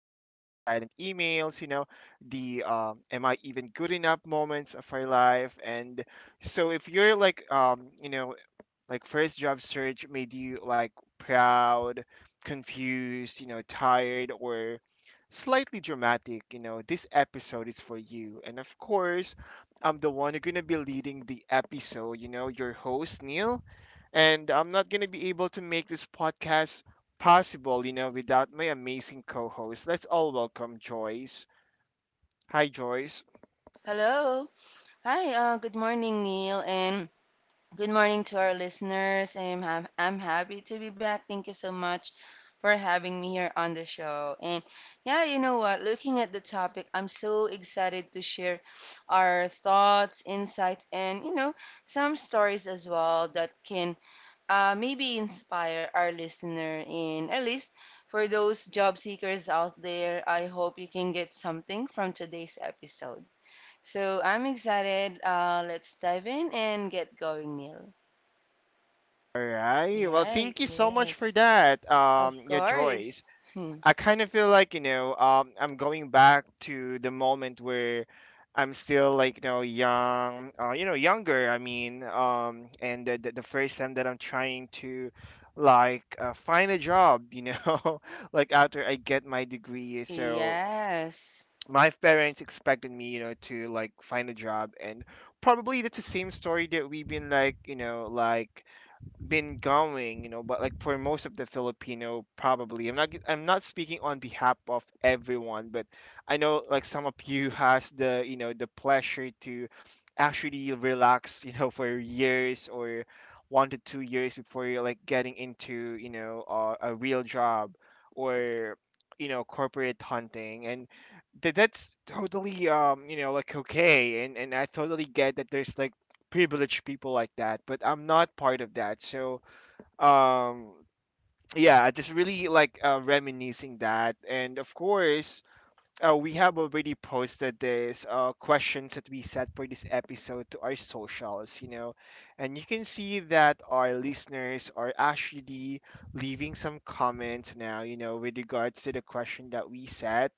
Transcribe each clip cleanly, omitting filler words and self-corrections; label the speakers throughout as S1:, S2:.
S1: emails, the am I even good enough moments of our life. And so if you're like first job search made you like proud, confused, tired, or slightly dramatic, this episode is for you. And of course, I'm the one who's gonna be leading the episode, your host, Neil. And I'm not gonna be able to make this podcast possible, without my amazing co-host. Let's all welcome Joyce. Hi, Joyce.
S2: Hello. Hi, good morning, Neil, and good morning to our listeners. I'm happy to be back. Thank you so much for having me here on the show. And yeah, you know what? Looking at the topic, I'm so excited to share our thoughts, insights, and some stories as well that can maybe inspire our listener. And at least for those job seekers out there, I hope you can get something from today's episode. So I'm excited. Let's dive in and get going, Neil.
S1: All
S2: All
S1: right. Well,
S2: right.
S1: thank you so much for
S2: Yes.
S1: that.
S2: Of
S1: Yeah, Joyce.
S2: course. Hmm.
S1: I kind of feel like, I'm going back to the moment where I'm still like, young, younger, I mean, and the first time that I'm trying to like, find a job, like after I get my degree. So
S2: Yes.
S1: my parents expected me, to like find a job, and probably that's the same story that we've been like been going, but like for most of the Filipino, probably. I'm not speaking on behalf of everyone, but I know like some of you has the you know the pleasure to actually relax, for years, or 1 to 2 years, before you're like getting into a real job, or corporate hunting. And that's totally like okay. And I totally get that there's like privileged people like that, but I'm not part of that. So, um, yeah, I just really like reminiscing that. And of course, we have already posted these questions that we set for this episode to our socials, you know, and you can see that our listeners are actually leaving some comments now, with regards to the question that we set.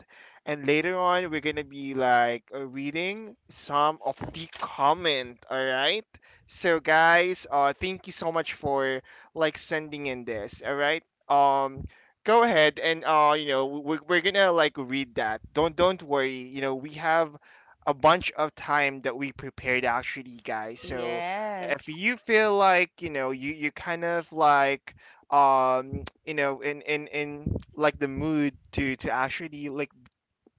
S1: And later on, we're going to be like reading some of the comment, all right? So, guys, thank you so much for like sending in this, all right? Um, Go ahead, and we're gonna like read that. Don't worry, we have a bunch of time that we prepared, actually, guys. So, if
S2: Yes.
S1: you feel like, you kind of like, in like the mood to actually like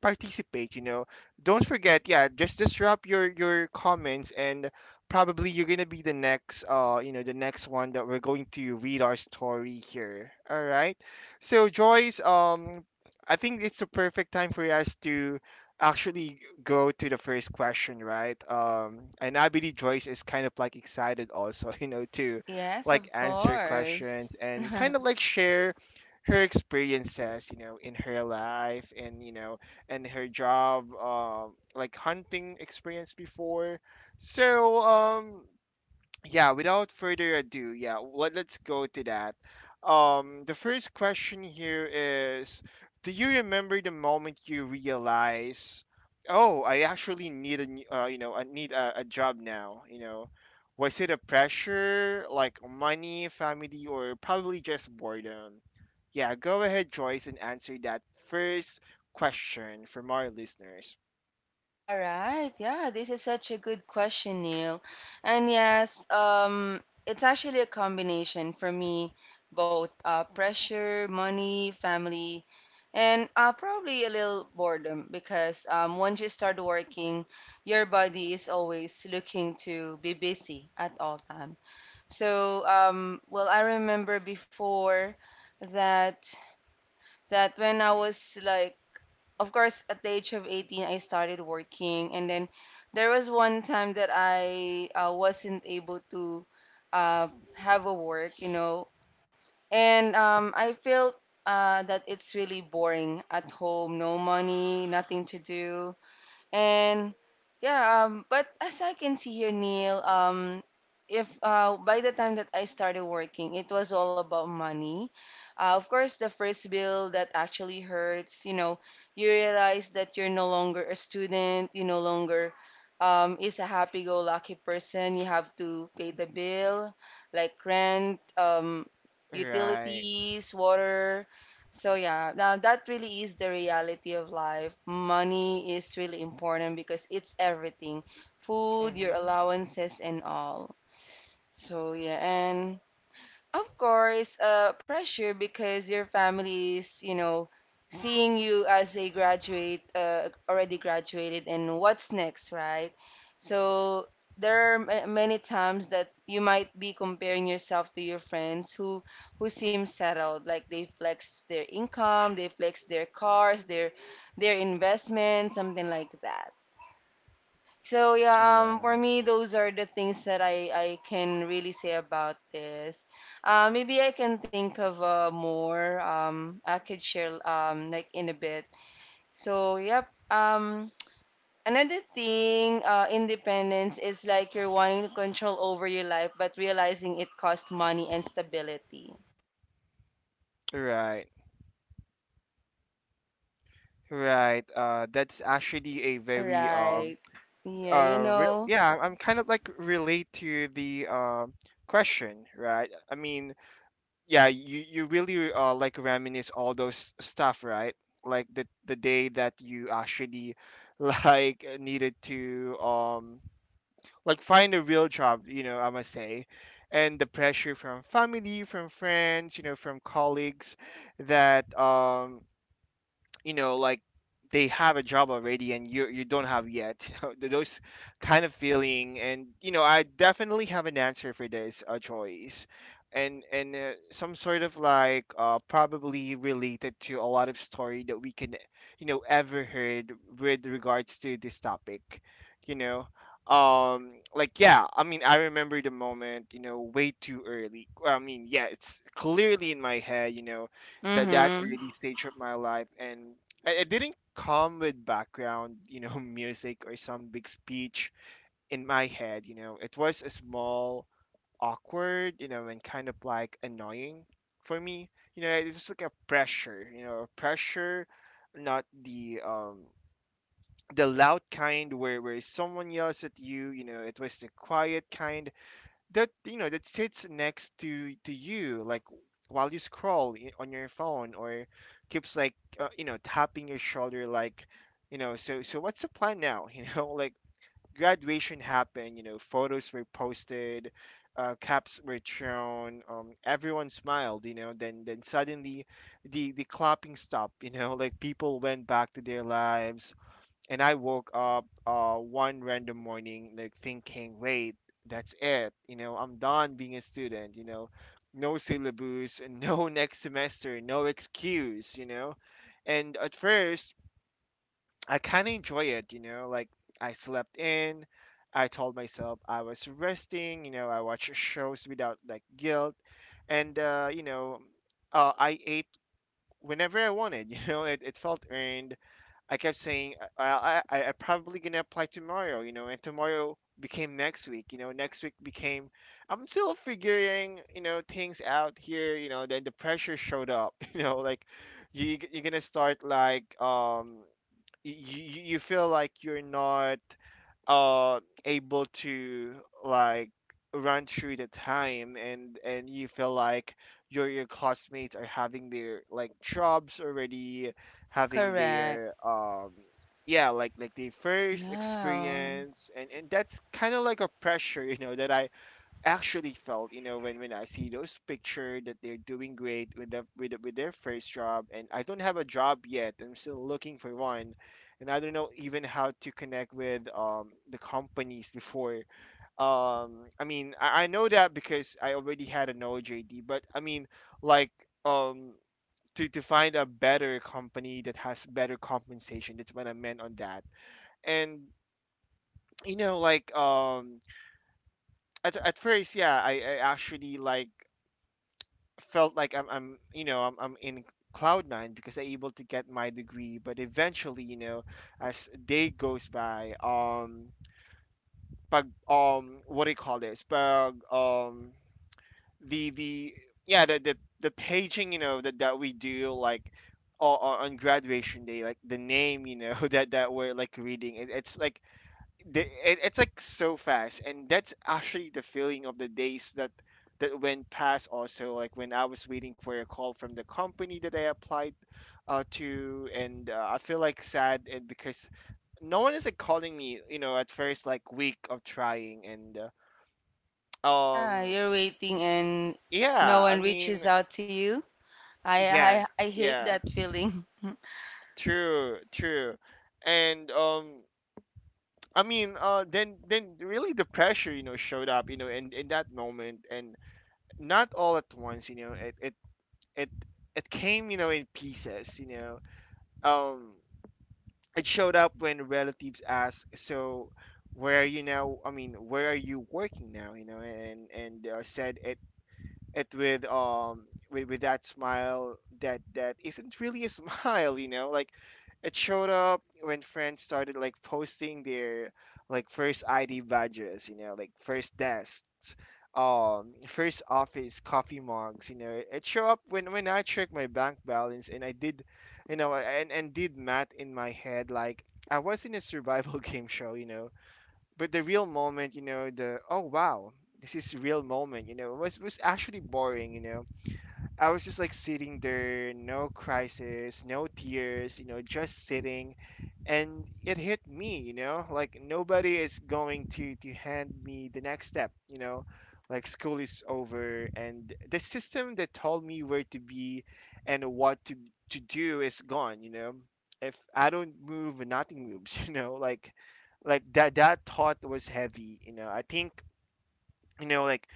S1: participate, don't forget. Yeah, just drop your comments, and probably you're gonna be the next, the next one that we're going to read our story here, all right? So, Joyce, I think it's the perfect time for us to actually go to the first question, right? And I believe Joyce is kind of like excited also to
S2: Yes,
S1: like
S2: of
S1: answer questions
S2: course.
S1: and kind of like share her experiences, in her life, and you know and her job, like hunting experience before. So, yeah, without further ado, yeah, let's go to that. The first question here is, do you remember the moment you realize, oh, I actually need a, n- you know, I need a job now? Was it a pressure, like money, family, or probably just boredom? Yeah, go ahead, Joyce, and answer that first question from our listeners.
S2: All right. Yeah, this is such a good question, Neil. And yes, it's actually a combination for me, both pressure, money, family, and probably a little boredom because once you start working, your body is always looking to be busy at all time. So, well, I remember before that that when I was like of course, at the age of 18, I started working. And then there was one time that I wasn't able to uh, have a work. And I felt that it's really boring at home, no money, nothing to do. And yeah, but as I can see here, Neil, if by the time that I started working, it was all about money. Of course, the first bill that actually hurts, you realize that you're no longer a student, you no longer is a happy-go-lucky person. You have to pay the bill, like rent,
S1: Right.
S2: utilities, water, so yeah, now that really is the reality of life. Money is really important because it's everything. Food, your
S1: Mm-hmm.
S2: allowances and all. So yeah, and of course, pressure because your family is seeing you as a graduate, already graduated, and what's next, right? So there are many times that you might be comparing yourself to your friends who seem settled, like they flex their income, they flex their cars, their investment, something like that. So yeah, for
S1: Right.
S2: me, those are the things that I can really say about this. Maybe I can think of more. I could share like in a bit. So yep. Another thing, independence is like you're wanting to control over your life, but realizing it costs money and stability.
S1: Right. Right. That's actually a very,
S2: Right. Yeah, you
S1: real.
S2: know.
S1: Yeah, I'm kind of like relate to the, question, right? I mean, yeah, you really, like reminisce all those stuff, right? Like the day that you actually like needed to, like find a real job, I must say, and the pressure from family, from friends, from colleagues that, like, they have a job already, and you don't have yet, those kind of feeling. And I definitely have an answer for this, choice, and some sort of like, probably related to a lot of story that we can, ever heard with regards to this topic, you know like, yeah, I mean, I remember the moment, way too early. Well, I mean, yeah, it's clearly in my head, that
S2: Mm-hmm.
S1: early stage of my life. And it didn't come with background, music, or some big speech in my head. It was a small, awkward, and kind of like annoying for me. It's just like a pressure, a pressure. Not the, the loud kind, where someone yells at you. You know It was the quiet kind, that, that sits next to you, like while you scroll, on your phone, or keeps like tapping your shoulder, like, so what's the plan now? Like, graduation happened, photos were posted, caps were shown, everyone smiled. Then suddenly the clapping stopped, like people went back to their lives. And I woke up, one random morning, like thinking, wait, that's it. I'm done being a student. No syllabus, no next semester, no excuse. And at first, I kind of enjoy it. Like, I slept in. I told myself I was resting. I watched shows without like guilt, and, I ate whenever I wanted. It felt earned. I kept saying I probably gonna apply tomorrow, you know, and tomorrow became next week. Next week became, I'm still figuring, things out here. Then the pressure showed up, like you're gonna start like, you you feel like you're not, uh able to like run through the time. And you feel like your classmates are having their like jobs already, having
S2: Correct.
S1: their, yeah, like their first
S2: Yeah.
S1: experience. And that's kind of like a pressure, that I actually felt, when I see those pictures that they're doing great with their first job. And I don't have a job yet, I'm still looking for one. And I don't know even how to connect with, the companies before. I mean, I know that because I already had an ojd. But I mean, like, um, to find a better company that has better compensation, that's what I meant on that. And, you know like um at first, yeah, I actually like felt like, I'm in cloud nine, because I able to get my degree. But eventually, as day goes by, pag, what do you call this, pag, the yeah, the paging, that we do, like, on graduation day, like the name, that we're like reading it, it's like the, it's like so fast. And that's actually the feeling of the days that went past, also, like when I was waiting for a call from the company that I applied, to. And, I feel like sad, and because no one is like calling me, at first, like, week of trying, and, uh,
S2: Ah,
S1: um
S2: you're waiting and no
S1: yeah, I
S2: one
S1: mean,
S2: reaches out to you. I I
S1: yeah,
S2: I hate
S1: yeah,
S2: that feeling.
S1: true, true. And, I mean, then really, the pressure, showed up, in that moment, and not all at once. It, it came, in pieces. Um it showed up when relatives asked, so, where are you now, I mean, where are you working now, and, said it, with, with that smile, that isn't really a smile, like, it showed up when friends started like posting their, like, first ID badges, like first desks, first office coffee mugs. It showed up when I checked my bank balance, and I did, and did math in my head, like I was in a survival game show. But the real moment, the Oh, wow, this is real moment, you know, was actually boring, you know. I was just like sitting there, no crisis, no tears, you know, just sitting. And it hit me, you know, like nobody is going to hand me the next step, you know, like school is over and the system that told me where to be and what to do is gone, you know. If I don't move, nothing moves, you know, like like that thought was heavy, you know. I think, you know, like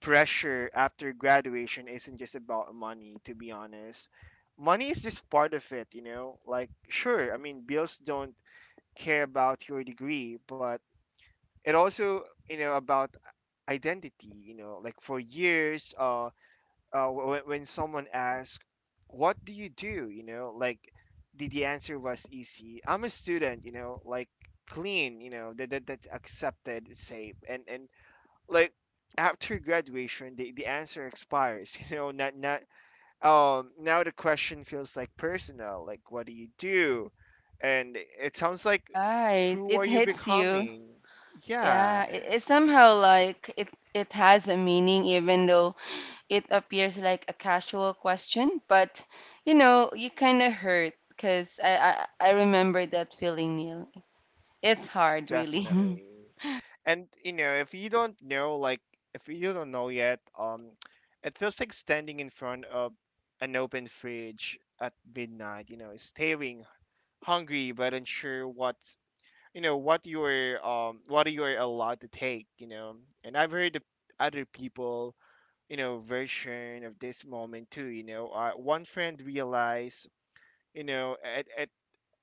S1: pressure after graduation isn't just about money, to be honest. Money is just part of it? Like, sure, I mean, bills don't care about your degree, but it also about identity, you know? Like, for years, when someone asks, what do you do? Like, the answer was easy. I'm a student, Like, clean that, that's accepted safe and and like after graduation the answer expires, you know, not not now the question feels like personal, like, what do you do? And it sounds like,
S2: Right.
S1: who
S2: It
S1: are you
S2: hits you.
S1: becoming?
S2: Yeah,
S1: Yeah,
S2: it's somehow like it has a meaning even though it appears like a casual question, but you kind of hurt because I remember that feeling, Neil. It's hard, really.
S1: definitely. And you know, if you don't know, like, if you don't know yet, it feels like standing in front of an open fridge at midnight, you know, staring hungry but unsure what, you know, what you are, what you are allowed to take, you know. And I've heard of other people, you know, version of this moment too, you know. One friend realized, you know, at, at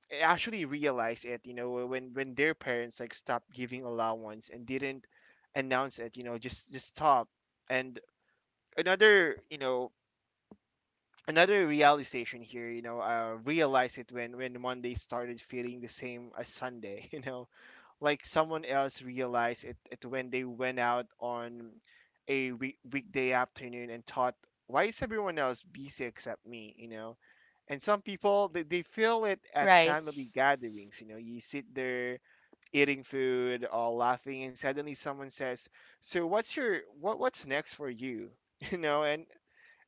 S1: eh, actually realized it, you know, when their parents like stopped giving allowance and didn't announce it, you know, just stop and another, you know, another realization here, you know, realized it when monday started feeling the same as sunday. You know, like someone else realized it when they went out on a weekday afternoon and thought, why is everyone else busy except me, you know? And some people, they feel it at
S2: Right.
S1: family gatherings, you know. You sit there eating food or laughing and suddenly someone says, so what's your what's next for you? You know,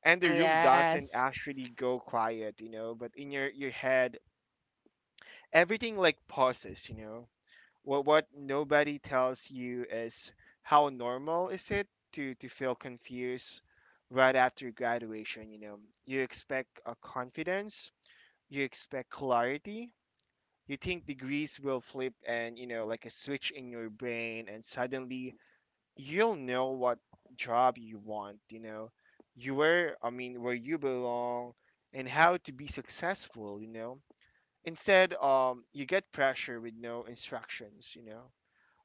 S1: and the
S2: Mm,
S1: room doesn't
S2: yes.
S1: actually go quiet, you know, but in your head everything like pauses, you know. What nobody tells you is how normal is it to feel confused right after graduation, you know. You expect a confidence, you expect clarity. You think degrees will flip, and you know, like a switch in your brain, and suddenly you'll know what job you want, you know. You where, I mean, where you belong and how to be successful, you know. Instead, you get pressure with no instructions, you know.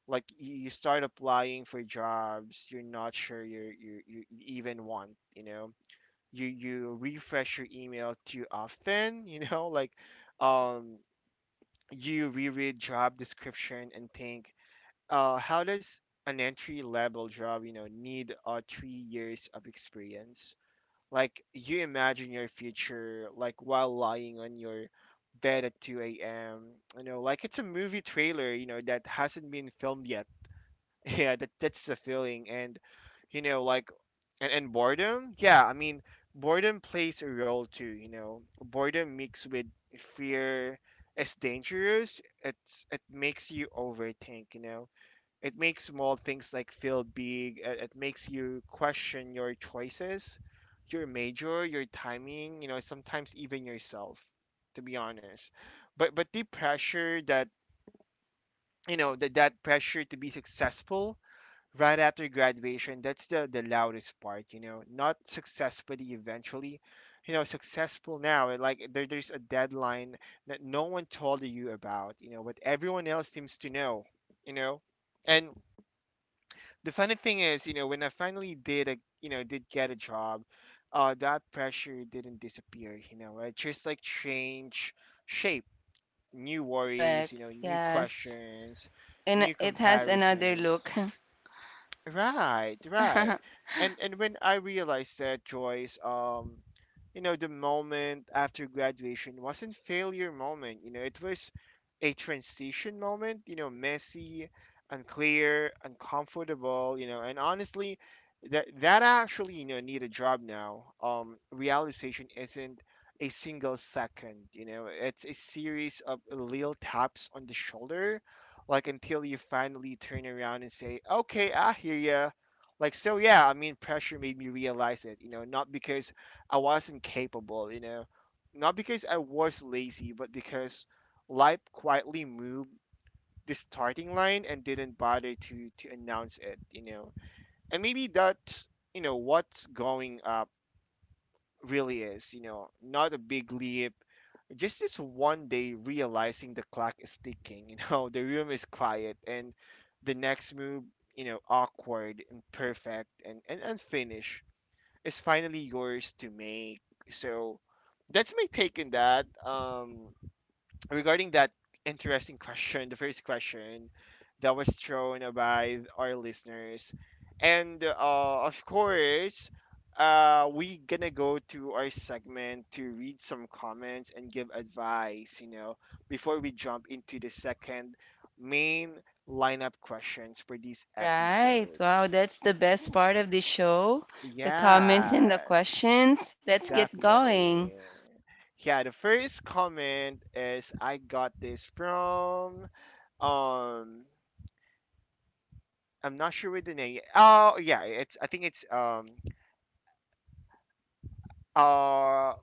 S1: Like you start applying for jobs you're not sure you even want, you know. You refresh your email too often. You know, like, um you reread job description and think, how does an entry level job, you know, need 3 years of experience? Like, you imagine your future like while lying on your bed at 2 a.m, you know, like it's a movie trailer, you know, that hasn't been filmed yet. Yeah, that's the feeling. And you know, like, and boredom, yeah, I mean, boredom plays a role too, you know. Boredom mixed with fear is dangerous. It's, it makes you overthink, you know. It makes small things like feel big. It makes you question your choices, your major, your timing, you know, sometimes even yourself, to be honest. But the pressure that, you know, that pressure to be successful right after graduation, that's the loudest part, you know. Not successfully eventually, you know, successful now. It, like there's a deadline that no one told you about, you know, but everyone else seems to know, you know. And the funny thing is, you know, when I finally did a you know, did get a job, that pressure didn't disappear, you know. It just like change shape, new worries,
S2: Correct.
S1: you know, new
S2: Yes.
S1: questions,
S2: And
S1: new
S2: it has another
S1: comparisons.
S2: look.
S1: Right, right. And when I realized that, Joyce, you know, the moment after graduation wasn't failure moment, you know, it was a transition moment, you know, messy, unclear, uncomfortable, you know, and honestly, that actually, you know, need a job now. Realization isn't a single second, you know, it's a series of little taps on the shoulder like until you finally turn around and say, "Okay, I hear ya." Like so, yeah. I mean, pressure made me realize it. You know, not because I wasn't capable. You know, not because I was lazy, but because life quietly moved the starting line and didn't bother to announce it. You know, and maybe that's, you know, what's going really is, you know, not a big leap. Just this one day realizing the clock is ticking. You know, the room is quiet and the next move, you know, awkward, imperfect, and unfinished is finally yours to make. So that's my take on that. Regarding that interesting question, the first question that was thrown by our listeners, and of course, we gonna go to our segment to read some comments and give advice. You know, before we jump into the second main lineup questions for this
S2: All right.
S1: episode.
S2: Wow, that's the best part of the show. The comments and the
S1: Yeah,
S2: questions. Let's get going.
S1: definitely. Yeah, the first comment is I got this from, Um, I'm not sure with the name. Oh, yeah, it's, I think uh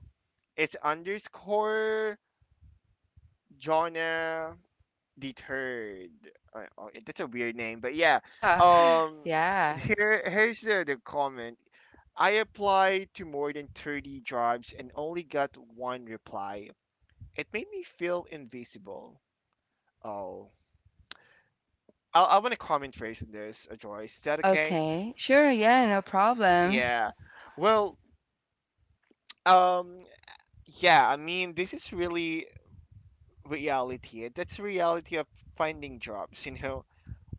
S1: it's underscore Jonah deterred. Oh, yeah, that's a weird name, but yeah. Um,
S2: Yeah.
S1: here, here's the comment. I applied to more than 30 jobs and only got one reply. It made me feel invisible. Oh, I want to comment first on this, Joyce. Is that okay?
S2: Okay. Sure. Yeah, no problem.
S1: Yeah. Well, um, yeah, I mean, this is really reality. That's the reality of finding jobs. You know,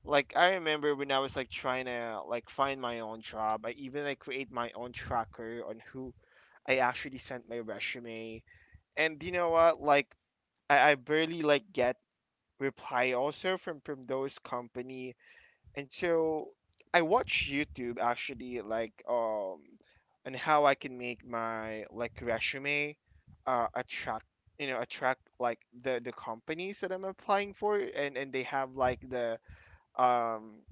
S1: like I remember when I was like trying to like find my own job, I even like create my own tracker on who I actually sent my resume. And you know what? Like I barely like get reply also from those company. And so I watch YouTube actually, like, on how I can make my like resume attract, you know, attract like the companies that I'm applying for, and they have like the, um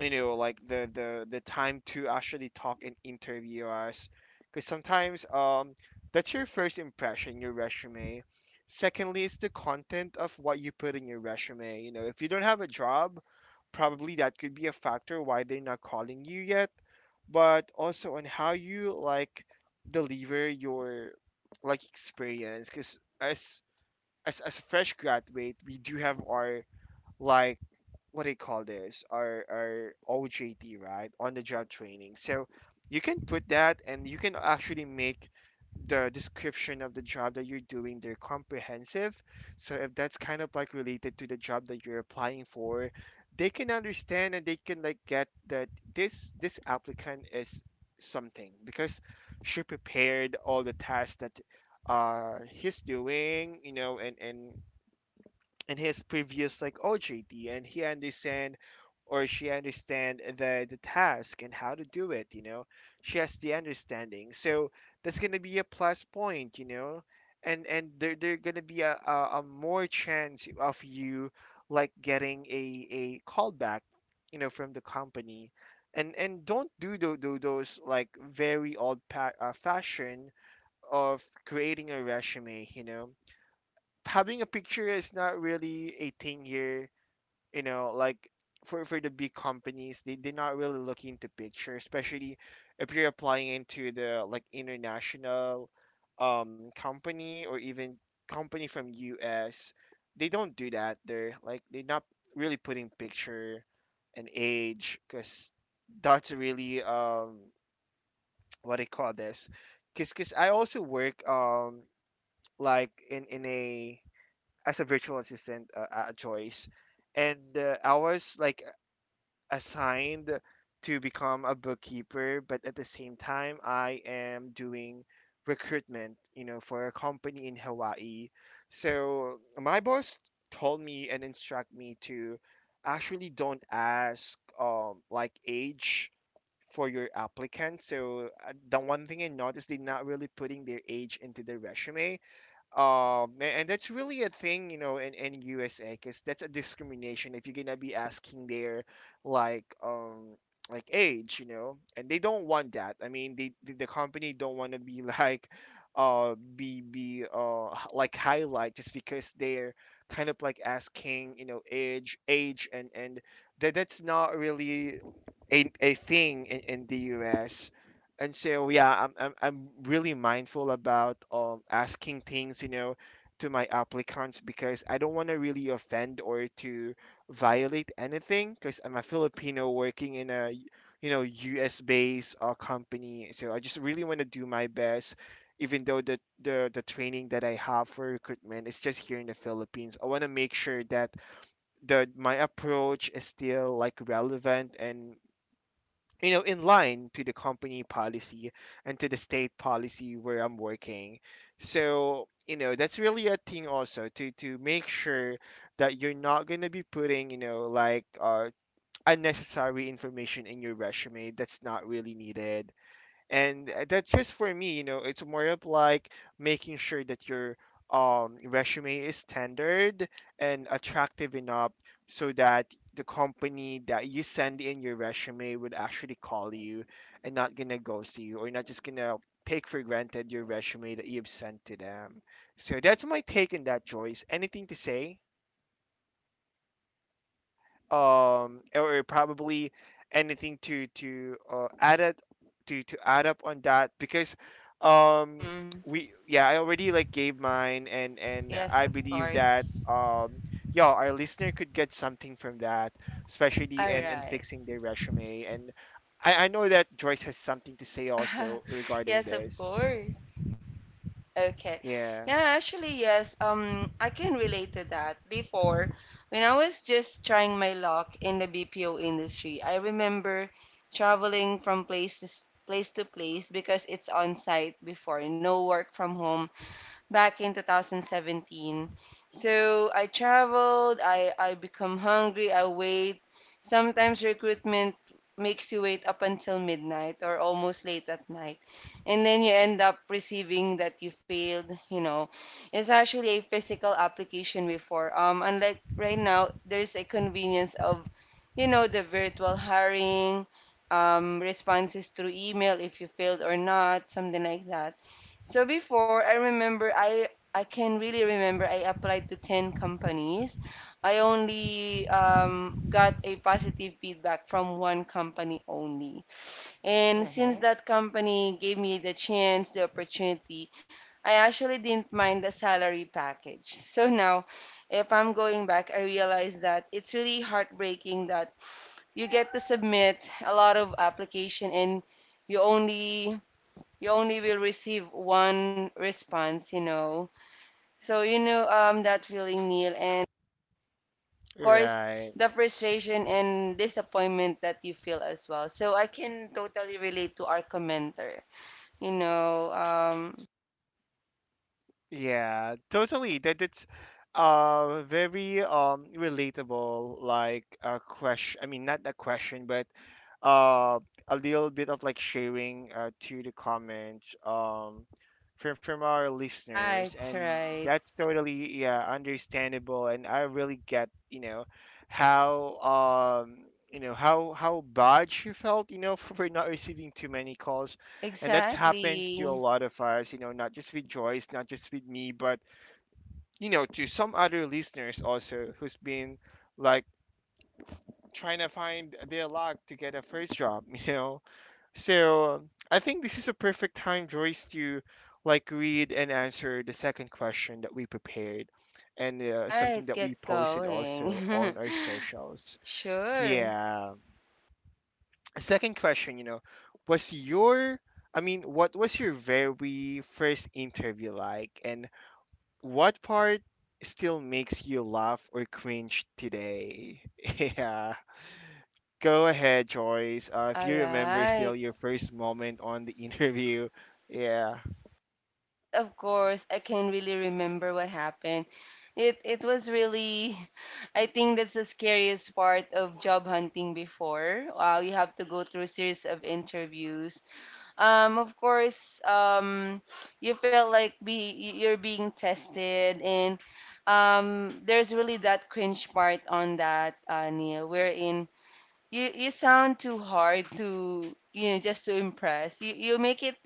S1: you know, like the time to actually talk and interview us. Because sometimes, that's your first impression, your resume. Secondly is the content of what you put in your resume. You know, if you don't have a job, probably that could be a factor why they're not calling you yet. But also on how you like deliver your like experience, because as as a fresh graduate, we do have our like, what do you call this? Our OJT, right? On the job training. So you can put that, and you can actually make the description of the job that you're doing there comprehensive. So if that's kind of like related to the job that you're applying for, they can understand, and they can like get that, this applicant is something because she prepared all the tasks that he's doing, you know, and in his previous like OJT, and he understand or she understand the task and how to do it. You know, she has the understanding, so that's gonna be a plus point. You know, and there gonna be a more chance of you like getting a callback. You know, from the company. And don't do those like very old fashion of creating a resume, you know. Having a picture is not really a thing here, you know. Like, for the big companies, they're not really looking into picture, especially if you're applying into the like international company or even company from US, they don't do that. They're like, they're not really putting picture and age, because that's really, what I call this, because I also work, like in a, as a virtual assistant, Joyce, and I was like assigned to become a bookkeeper, but at the same time, I am doing recruitment, you know, for a company in Hawaii. So my boss told me and instruct me to actually don't ask like age for your applicant. So the one thing I noticed, they're not really putting their age into their resume. And that's really a thing, you know, in USA, because that's a discrimination if you're gonna be asking their like um like age, you know, and they don't want that. I mean, the company don't want to be like like highlight just because they're kind of like asking, you know, age age and that's not really a thing in the US. And so yeah, I'm really mindful about asking things, you know, to my applicants because I don't want to really offend or to violate anything because I'm a Filipino working in a, you know, US based company. So I just really want to do my best, even though the training that I have for recruitment is just here in the Philippines. I want to make sure that the my approach is still like relevant and, you know, in line to the company policy and to the state policy where I'm working. So, you know, that's really a thing also to make sure that you're not going to be putting, you know, like unnecessary information in your resume that's not really needed. And that's just for me. You know, it's more of like making sure that your resume is standard and attractive enough, so that the company that you send in your resume would actually call you and not gonna ghost you, or not just gonna take for granted your resume that you've sent to them. So that's my take on that, Joyce. Anything to say, or probably anything to add it to add up on that? Because um
S2: Hmm.
S1: we, yeah, I already like gave mine, and
S2: Yes,
S1: I
S2: of
S1: believe that
S2: course.
S1: yeah, our listener could get something from that, especially
S2: All
S1: in
S2: right.
S1: fixing their resume. And I know that Joyce has something to say also regarding
S2: Yes, of
S1: this.
S2: course. Okay.
S1: Yeah.
S2: Yeah, actually, yes. I can relate to that. Before, when I was just trying my luck in the BPO industry, I remember traveling from place to place to place because it's on site before, no work from home back in 2017. So I traveled, I become hungry, I wait. Sometimes recruitment makes you wait up until midnight or almost late at night. And then you end up receiving that you failed. It's actually a physical application before. Unlike right now, there's a convenience of the virtual hiring, responses through email if you failed or not, something like that. So before, I remember I can really remember I applied to 10 companies. I only got a positive feedback from one company only. And since
S1: Mm-hmm.
S2: that company gave me the chance, the opportunity, I actually didn't mind the salary package. So now, if I'm going back, I realize that it's really heartbreaking that you get to submit a lot of application and you only you only will receive one response. So you know that feeling, Neil, and of course
S1: Right.
S2: the frustration and disappointment that you feel as well. So I can totally relate to our commenter, you know. Um,
S1: Yeah, totally. That it's very relatable like a question. I mean, not a question, but uh a little bit of like sharing to the comments from our listeners,
S2: right,
S1: and
S2: right,
S1: that's totally, yeah, understandable. And I really get, you know, how you know how bad she felt, you know, for not receiving too many calls. And that's happened to a
S2: exactly.
S1: lot of us, you know, not just with Joyce, not just with me, but, you know, to some other listeners also who's been like f- trying to find their luck to get a first job, you know. So I think this is a perfect time, Joyce, to like read and answer the second question that we prepared and
S2: Right,
S1: something that
S2: get
S1: we posted also
S2: going.
S1: on our socials.
S2: Sure.
S1: Yeah, second question, you know, was your I mean, what was your very first interview like, and what part still makes you laugh or cringe today? Yeah. Go ahead, Joyce. If
S2: All
S1: you remember still
S2: right.
S1: your first moment on the interview. Yeah.
S2: Yes, of course. I can really remember what happened. It was really, I think that's the scariest part of job hunting before. Wow, you have to go through a series of interviews. Of course, you felt like be you're being tested, and there's really that cringe part on that, Neil. Wherein you sound too hard to just to impress. You make it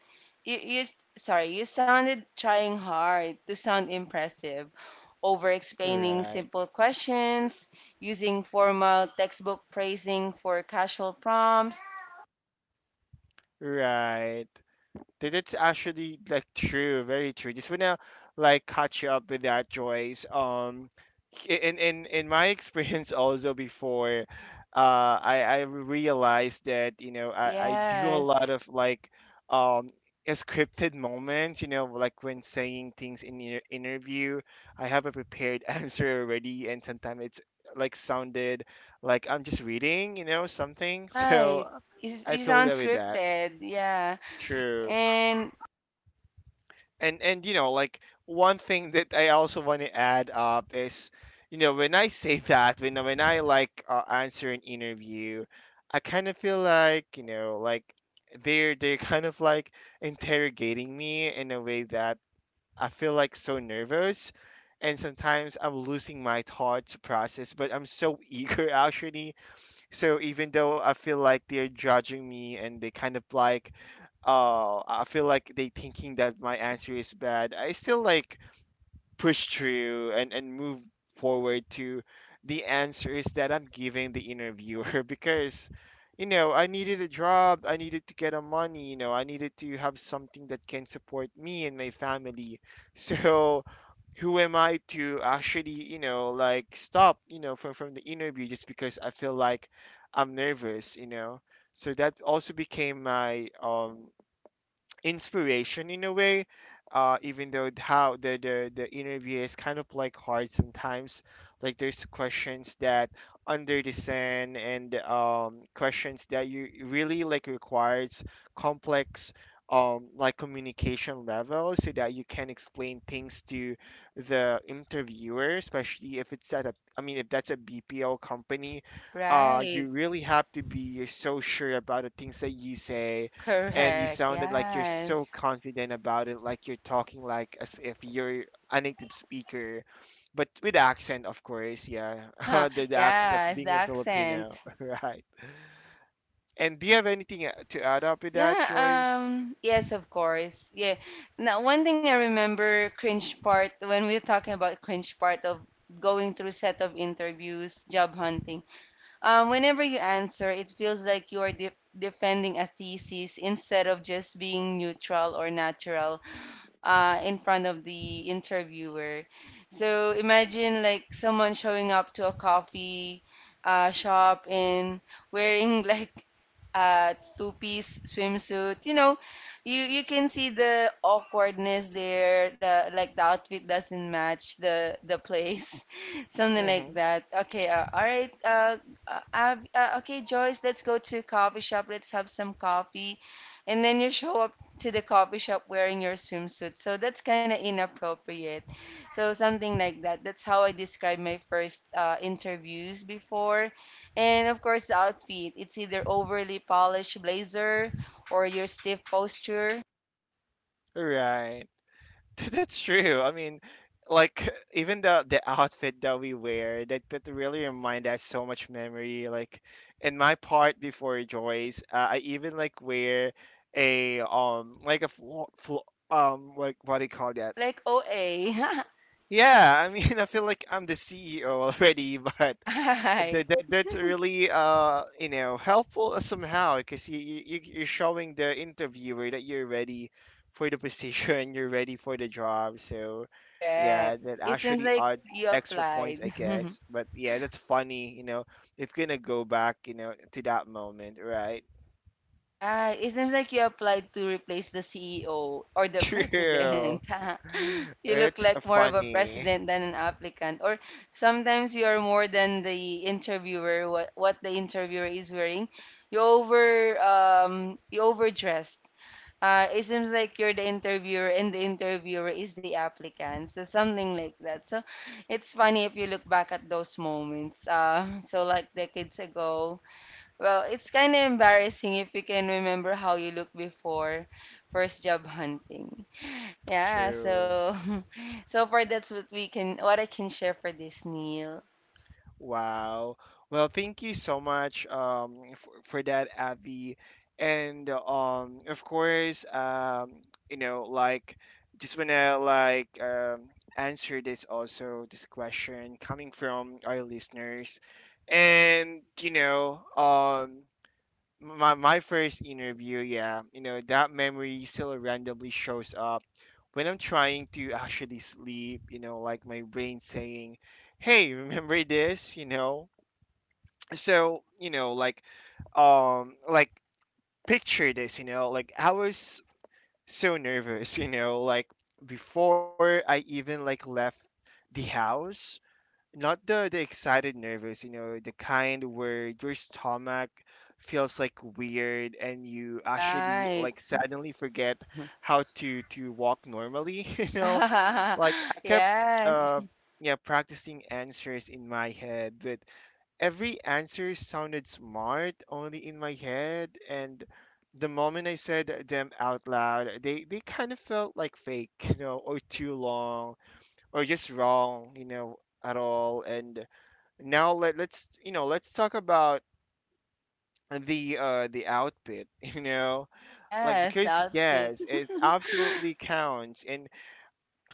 S2: you you sorry, you sounded trying hard to sound impressive, over explaining
S1: Right.
S2: simple questions, using formal textbook phrasing for casual prompts.
S1: Right. That's actually like true, very true. Just wanna like catch you up with that, Joyce. In my experience also before, I realized that, you know, I do a
S2: Yes,
S1: lot of like um scripted moments. You know, like when saying things in your interview, I have a prepared answer already, and sometimes it's like sounded like I'm just reading, you know, something.
S2: right.
S1: So
S2: It's
S1: I
S2: it's
S1: feel you with that.
S2: unscripted. Yeah.
S1: True.
S2: And
S1: And you know, like one thing that I also want to add up is, you know, when I say that when I like answer an interview, I kind of feel like, you know, like they're kind of like interrogating me in a way that I feel like so nervous, and sometimes I'm losing my thoughts process, but I'm so eager actually. So even though I feel like they're judging me and they kind of like, oh, I feel like they thinking that my answer is bad, I still like push through and move forward to the answers that I'm giving the interviewer, because, you know, I needed a job, I needed to get a money, you know, I needed to have something that can support me and my family. So who am I to actually, you know, like stop, you know, from the interview just because I feel like I'm nervous, you know. So that also became my inspiration in a way, even though how the interview is kind of like hard sometimes. Like there's questions that under the sand, and questions that you really like requires complex like communication level, so that you can explain things to the interviewer, especially if it's at a I mean if that's a BPO company, you
S2: right.
S1: really have to be so sure about the things that you say, and you
S2: Correct.
S1: sounded like you're so
S2: Yes.
S1: confident about it, like you're talking like as if you're a native speaker, but with accent, of course, yeah, the accent of
S2: Yes, the
S1: being a Filipino,
S2: accent.
S1: right? And do you have anything to add up with that, Joyce?
S2: Yeah, yes, of course. Yeah. Now, one thing I remember cringe part when we were talking about cringe part of going through set of interviews, job hunting. Whenever you answer, it feels like you are de defending a thesis instead of just being neutral or natural in front of the interviewer. So imagine like someone showing up to a coffee shop and wearing like two-piece swimsuit. You know, you can see the awkwardness there. The outfit doesn't match the place, something like
S1: Mm-hmm.
S2: that. Okay, all right. Okay, Joyce, let's go to a coffee shop. Let's have some coffee, and then you show up to the coffee shop wearing your swimsuit. So that's kind of inappropriate. So something like that. That's how I described my first interviews before. And of course, the outfit. It's either overly polished blazer or your stiff posture,
S1: Right. That's true. I mean, like even the outfit that we wear that really remind us so much memory. Like in my part before, Joyce, I even like wear a like a flo flo like, what do you call that?
S2: like OA.
S1: Yeah, I mean, I feel like I'm the CEO already, but
S2: Right.
S1: that's really you know helpful somehow, because you're showing the interviewer that you're ready for the position, you're ready for the job. So yeah,
S2: Correct.
S1: that
S2: It seems
S1: actually
S2: like
S1: are
S2: you
S1: extra points,
S2: applied.
S1: I guess. But yeah, that's funny. You know, if gonna go back, you know, to that moment, right?
S2: Right. It seems like you applied to replace the CEO or the president.
S1: True.
S2: You look
S1: It's
S2: like more of a
S1: funny.
S2: president than an applicant. Or sometimes you are more than the interviewer, what the interviewer is wearing. You overdressed. It seems like you're the interviewer and the interviewer is the applicant. So something like that. So it's funny if you look back at those moments. So like decades ago. Well, it's kind of embarrassing if you can remember how you looked before first job hunting. Yeah,
S1: True.
S2: so so far that's what I can share for this Neil.
S1: Wow. Well, thank you so much for that, Abby. And of course, you know, like, just wanna like answer this also this question coming from our listeners, and, you know, my first interview, yeah, you know, that memory still randomly shows up when I'm trying to actually sleep, you know, like my brain saying, "Hey, remember this?" you know. So, you know, like picture this, you know, like I was so nervous, you know, like before I even like left the house, not the excited nervous, you know, the kind where your stomach feels like weird and you actually
S2: Right.
S1: like suddenly forget how to walk normally, you know. like i kept
S2: Yes.
S1: uh yeah, practicing answers in my head, but every answer sounded smart only in my head, and the moment I said them out loud, they kind of felt like fake, you know, or too long or just wrong, you know, at all. And now let's, you know, let's talk about the outfit, you know, like,
S2: Yes, the
S1: because
S2: outfit.
S1: yes, it absolutely counts. And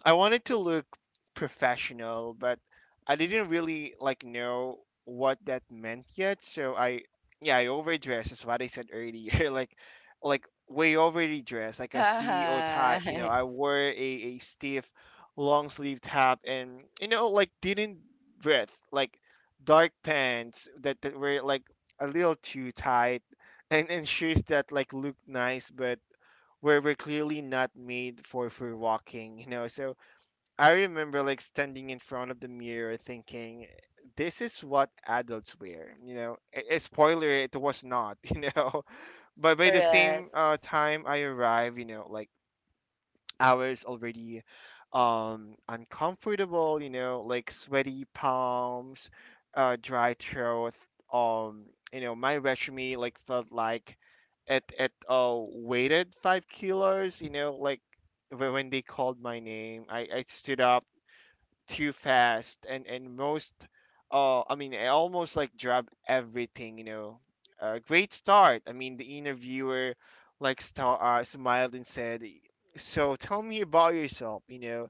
S1: I wanted to look professional, but I didn't really like know what that meant yet. So I, yeah, I overdressed. Is what I said earlier. Like way overdressed, like a CEO type. You know,
S2: Right.
S1: I wore a stiff, long sleeve top, and, you know, like didn't breath, like dark pants that were like a little too tight, and shoes that like looked nice but were clearly not made for walking. You know, so I remember like standing in front of the mirror thinking, this is what adults wear. You know, a spoiler, it was not, you know. But by the
S2: Correct.
S1: same time I arrived, you know, like I was already uncomfortable, you know, like sweaty palms, dry throat. Um, you know, my resume like felt like it weighted 5 kilos. You know, like when they called my name, I stood up too fast, and most I mean I almost like drop everything, you know. Great start. I mean, the interviewer like star smiled and said, "So tell me about yourself," you know,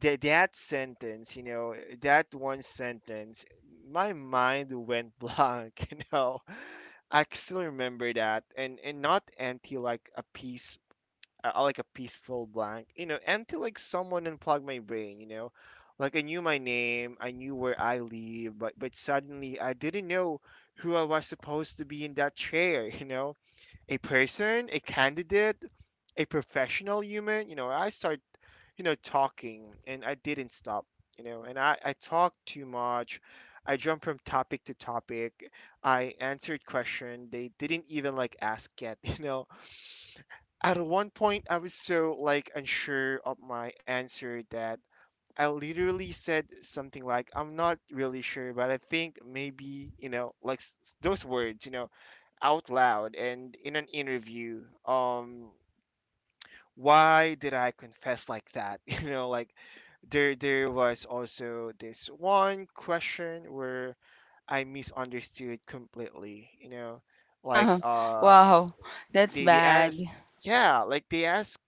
S1: that that sentence, you know, that one sentence, my mind went blank, you know. I still remember that. And not empty like a piece, like a peaceful blank, you know, until like someone unplugged my brain, you know, like I knew my name, I knew where I live, but suddenly I didn't know who I was supposed to be in that chair, you know, a person, a candidate, a professional human, you know. I started, you know, talking, and I didn't stop, you know, and I talked too much. I jumped from topic to topic. I answered question they didn't even like ask yet, you know. At one point, I was so like unsure of my answer that I literally said something like, "I'm not really sure, but I think maybe, you know, like those words," you know, out loud and in an interview. Why did I confess like that? You know, like there was also this one question where I misunderstood completely, you know, like uh
S2: Wow, that's
S1: they ask,
S2: bad.
S1: yeah, like they ask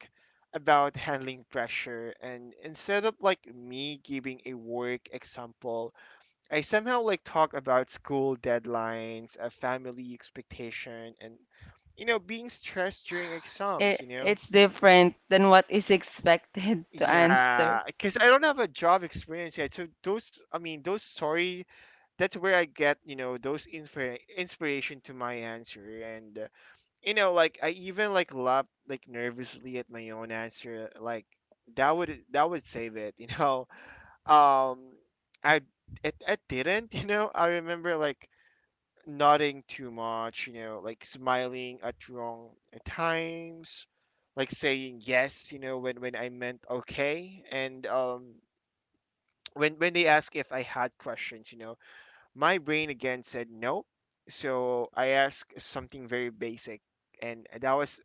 S1: about handling pressure, and instead of like me giving a work example, I somehow like talk about school deadlines, a family expectation, and you know being stressed during exams,
S2: It,
S1: you know,
S2: it's different than what is expected to answer.
S1: yeah, because I don't have a job experience yet, so those, I mean those story, that's where I get, you know, those inspiration to my answer. And you know, like I even like laughed like nervously at my own answer, like that would save it. You know um I, I didn't, you know, I remember like nodding too much, you know, like smiling at wrong at times, like saying yes, you know, when I meant okay. And um when when they asked if I had questions, you know, my brain again said no, so I asked something very basic, and that was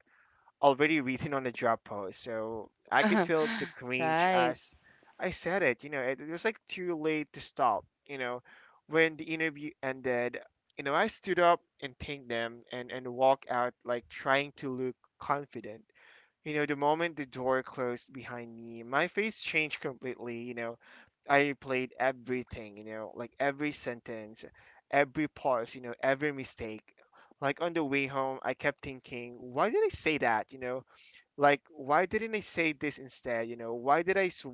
S1: already written on the job post. So I could feel the cringe
S2: Right.
S1: as I said it. You know, it was like too late to stop. You know, when the interview ended, you know, I stood up and thanked them, and walked out like trying to look confident. You know, the moment the door closed behind me, my face changed completely. You know, I replayed everything, you know, like every sentence, every pause, you know, every mistake. Like on the way home, I kept thinking, why did I say that, you know? Like why didn't I say this instead, you know? Why did I s-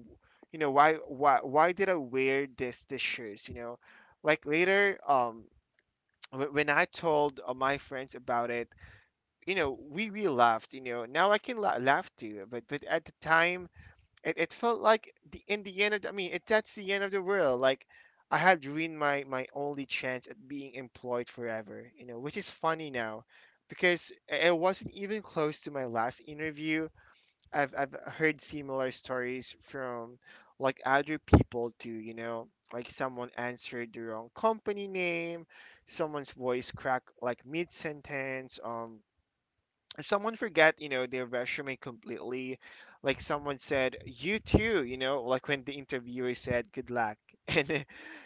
S1: You know, why why did I wear this shoes, you know? Later, when I told, my friends about it, you know, we laughed, you know. Now I can laugh too, but at the time, it felt like the end of the, I mean it that's the end of the world. Like I had ruined my only chance at being employed forever, you know, which is funny now, because it wasn't even close to my last interview. I've heard similar stories from like other people too, you know, like someone answered the wrong company name, someone's voice cracked like mid-sentence, someone forgot, their resume completely. Like someone said, "You too," you know, like when the interviewer said, "Good luck." And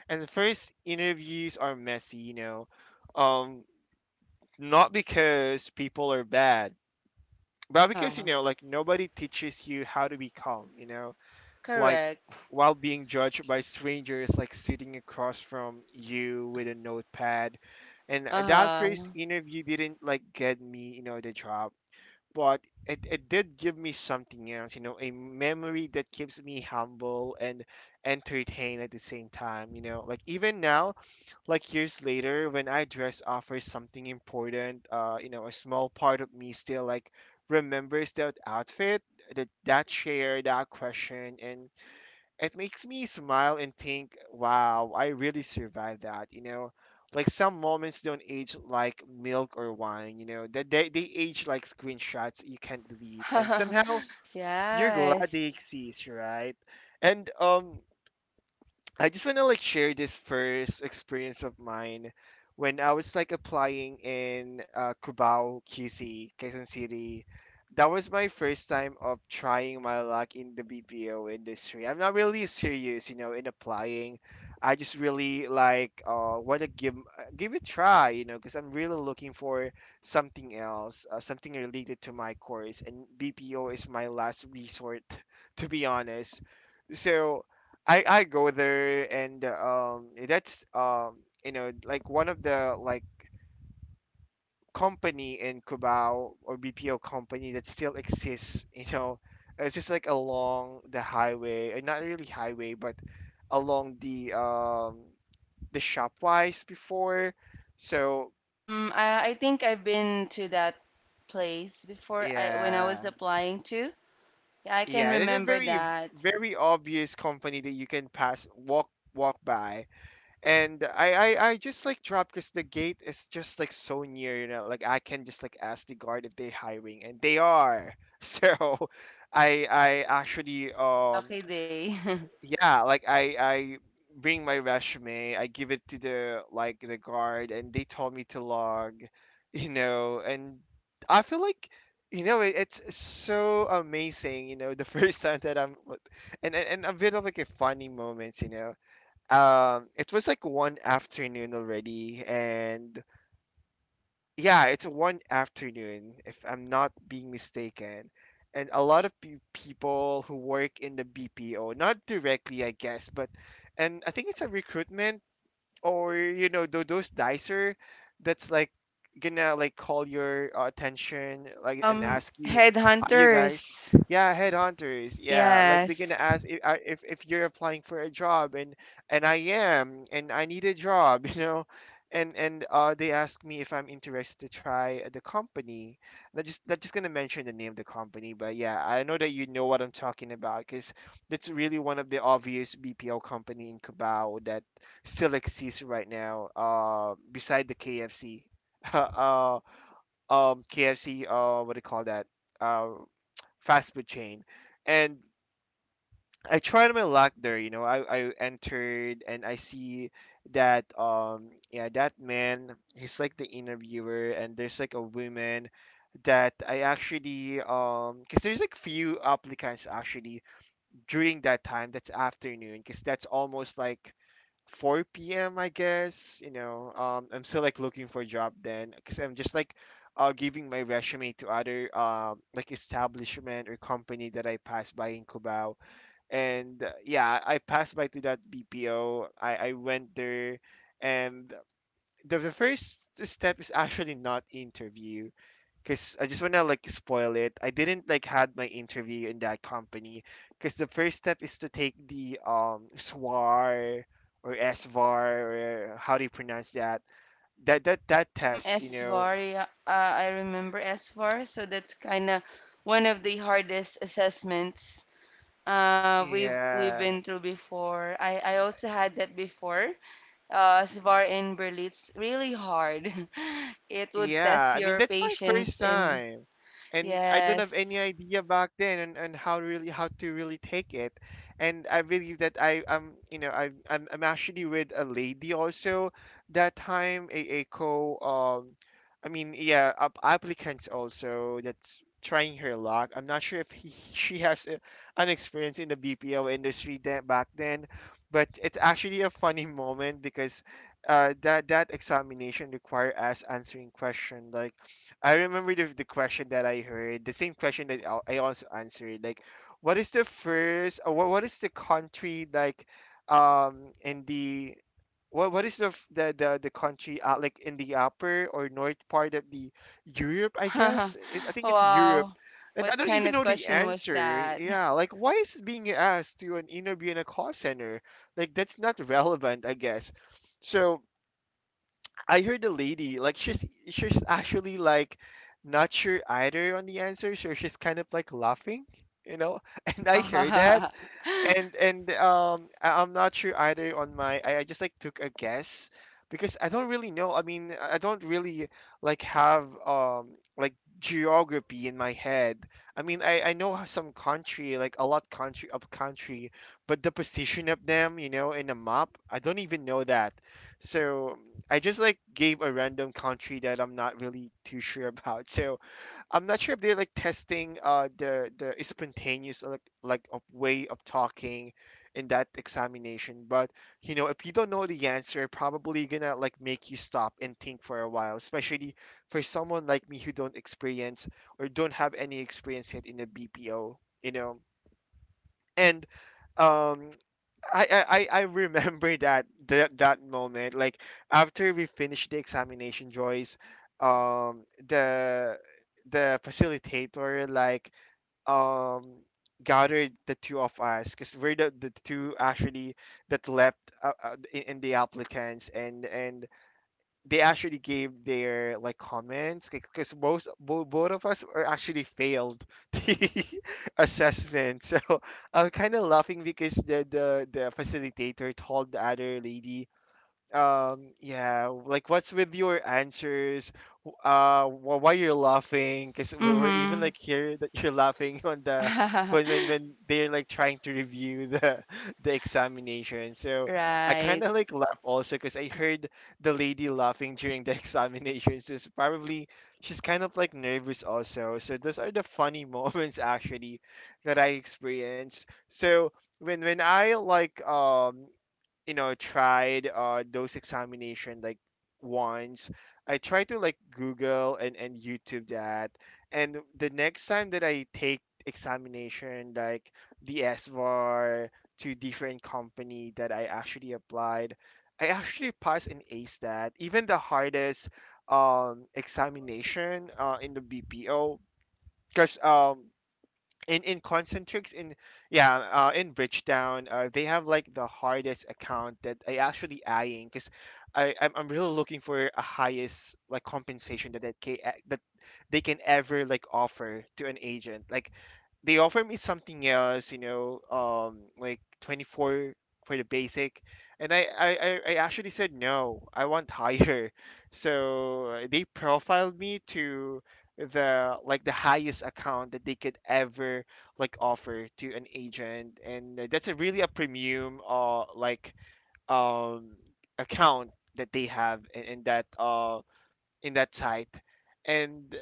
S1: and the first interviews are messy, you know. Um Not because people are bad, but because, you
S2: Uh-huh.
S1: know, like nobody teaches you how to be calm, you know, like
S2: Correct.
S1: while being judged by strangers, like sitting across from you with a notepad. And that
S2: Uh-huh.
S1: first interview didn't like get me, you know, the job, but it did give me something else, you know, a memory that keeps me humble and entertained at the same time, you know. Like even now, like years later, when I dress up for something important, you know, a small part of me still like remembers that outfit, that chair, that question. And it makes me smile and think, wow, I really survived that, you know? Like some moments don't age like milk or wine, you know, that they age like screenshots you can't delete. And somehow you're glad they
S2: Yes.
S1: exist, right? And I just want to like share this first experience of mine when I was like applying in Cubao, QC, Quezon City. That was my first time of trying my luck in the BPO industry. I'm not really serious, you know, in applying. I just really like want to give give it a try, you know, because I'm really looking for something else, something related to my course. And BPO is my last resort, to be honest. So I go there, and that's, you know, like one of the like company in Cubao, or BPO company that still exists, you know. It's just like along the highway, not really highway, but along the shopwise before. So
S2: Mm, I think I've been to that place before I when I
S1: yeah,
S2: was applying to. Yeah, I can
S1: yeah, it's a
S2: remember
S1: very
S2: that.
S1: very obvious company that you can pass, walk by. And I just like drop, because the gate is just like so near, you know. Like I can just like ask the guard if they're hiring, and they are. So I actually,
S2: Lucky day.
S1: yeah, like I bring my resume, I give it to the like the guard, and they told me to log, you know. And I feel like. You know, it's so amazing. You know, the first time that and a bit of like a funny moments. You know, it was like one afternoon already, and yeah, it's one afternoon if I'm not being mistaken. And a lot of people who work in the BPO, not directly I guess, but and I think it's a recruitment, or you know, those dicer that's like gonna like call your attention, like, and ask you, are you guys,
S2: Headhunters.
S1: yeah, headhunters, yeah, like they're gonna
S2: Yes.
S1: ask if, if you're applying for a job. And I am, and I need a job. You know, and they ask me if I'm interested to try the company. Not just gonna mention the name of the company, but yeah, I know that you know what I'm talking about, because that's really one of the obvious BPL company in Cabao that still exists right now. Beside the KFC, uh, KFC, what do you call that? Uh, Fast food chain. And I tried my luck there. You know, I entered and I see that, yeah, that man, he's like the interviewer, and there's like a woman that I actually, because there's like few applicants actually, during that time, that's afternoon, because that's almost like 4 p.m. I guess. You know, I'm still like looking for a job then, because I'm just like giving my resume to other like establishment or company that I passed by in Cubao. And yeah, I passed by to that BPO. I went there, and the first step is actually not interview, because I just want to like spoil it. I didn't like had my interview in that company, because the first step is to take the SWAR or SVAR, or how do you pronounce that, that test, you know?
S2: SVAR, yeah, I remember SVAR, so that's kind of one of the hardest assessments we've
S1: Yeah.
S2: been through before. I also had that before. SVAR in Berlin, it's really hard. It would
S1: Yeah,
S2: test
S1: I mean
S2: your
S1: that's my
S2: patience
S1: first
S2: and
S1: time, and I don't have
S2: yes.
S1: any idea back then on how really how to really take it. And I believe that I am, you know, I'm actually with a lady also that time, a co I mean, yeah, up applicants also that's trying her luck. I'm not sure if he, she has a, an experience in the BPO industry that back then, but it's actually a funny moment, because that that examination require us answering question like, I remember the question that I heard, the same question that I also answered, like, what is the first, what is the country, like in the, what is the, the country, like in the upper or north part of the Europe, I guess, I think it's Europe.
S2: Wow.
S1: And I
S2: What
S1: don't
S2: kind
S1: even
S2: of
S1: know the
S2: question was
S1: answer.
S2: that?
S1: Yeah, like why is it being asked to an interview in a call center, like that's not relevant, I guess. So I heard the lady, like she's actually like not sure either on the answer, so she's kind of like laughing, you know. And I heard that. And I, I'm not sure either on my. I just like took a guess, because I don't really know. I mean, I don't really like have like geography in my head. I mean, I know some country, like a lot country of country, but the position of them, you know, in a map, I don't even know that. So I just like gave a random country that I'm not really too sure about. So I'm not sure if they're like testing the spontaneous, like of way of talking in that examination, but you know, if you don't know the answer, probably gonna like make you stop and think for a while, especially for someone like me who don't experience, or don't have any experience yet in the BPO, you know. And um I remember that moment. Like after we finished the examination, Joyce, the facilitator um gathered the two of us because we're the two actually that left in the applicants and they actually gave their like comments because most both of us are actually failed the assessment. So I'm kind of laughing because the facilitator told the other lady, yeah, like, what's with your answers? Why you're laughing? Because we're even
S2: Mm-hmm.
S1: like here that you're laughing on the when when, when they're like trying to review the the examination. So I
S2: Right.
S1: kind of like laugh also because I heard the lady laughing during the examination. So it's probably she's kind of like nervous also. So those are the funny moments actually that I experience. So when I like tried those examination, like once I tried to like Google and YouTube that, and the next time that I take examination, like the SVAR, to different company that I actually applied, I actually passed and ace that even the hardest examination in the BPO, because in concentrics in, yeah, in Bridgetown, they have like the hardest account that I actually eyeing, because I'm really looking for a highest like compensation that they can ever like offer to an agent. Like, they offer me something else, you know, um, like 24 for the basic, and I actually said no, I want higher. So, they profiled me to the like the highest account that they could ever like offer to an agent, and, that's a really a premium, uh, like, um, account that they have in, that, uh, in that site. And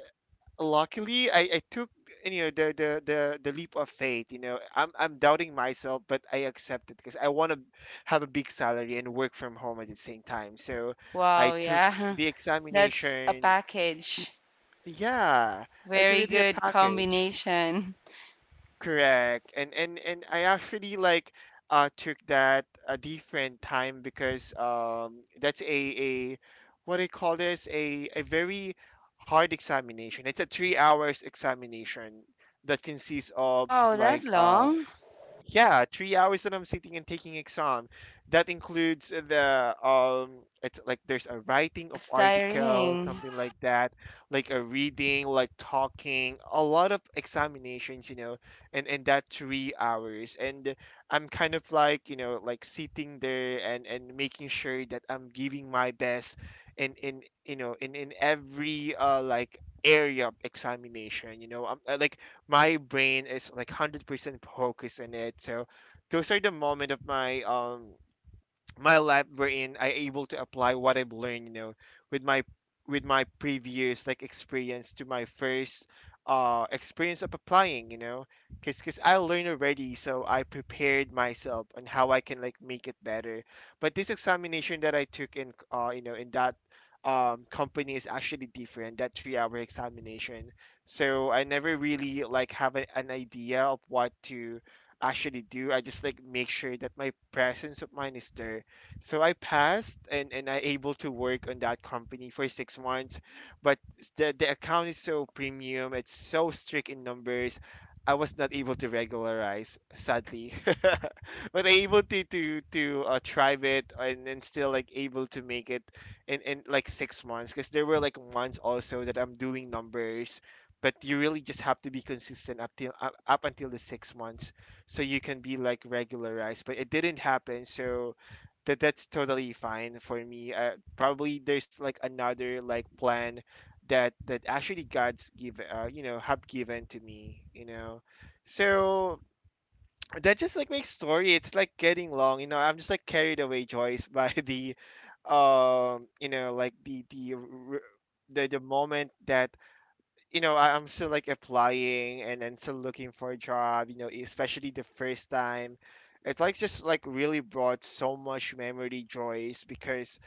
S1: luckily I took, you know, the leap of faith. You know, I'm doubting myself, but I accepted because I want to have a big salary and work from home at the same time. So I
S2: Wow,
S1: took
S2: yeah.
S1: the
S2: That's a
S1: examination.
S2: package.
S1: Yeah, it's
S2: Very
S1: really a
S2: good
S1: package.
S2: combination.
S1: Correct. And I actually like took that a different time because that's a what I call this, a very hard examination. It's a 3 hours examination that consists of
S2: Wow, that
S1: like, um,
S2: long?
S1: yeah, 3 hours that I'm sitting and taking exam. That includes the, it's like there's a writing of
S2: That's
S1: article,
S2: tiring.
S1: something like that, like a reading, like talking, a lot of examinations, you know, and that 3 hours. And I'm kind of like, you know, like sitting there and making sure that I'm giving my best in you know in every like area of examination. You know, like my brain is like 100% focused on it. So those are the moment of my, um, my lab, wherein I able to apply what I've learned, you know, with my with my previous like experience to my first experience of applying, you know, because I learned already, so I prepared myself on how I can like make it better. But this examination that I took in, uh, you know, in that, um, company is actually different. That 3 hour examination, so I never really like have a, an idea of what to actually do. I just like make sure that my presence of mind is there. So I passed, and I able to work on that company for 6 months. But the account is so premium, it's so strict in numbers. I was not able to regularize, sadly. But I able to, try it, and still like able to make it in like 6 months, because there were like months also that I'm doing numbers, but you really just have to be consistent up till up until the 6 months, so you can be like regularized. But it didn't happen. So that's totally fine for me. Probably there's like another like plan that actually God's give, you know, have given to me, you know. So that just like makes story. It's like getting long, you know. I'm just like carried away, Joyce, by the, you know, like the moment that, you know, I'm still like applying and still looking for a job, you know, especially the first time. It's like just like really brought so much memory, joys, because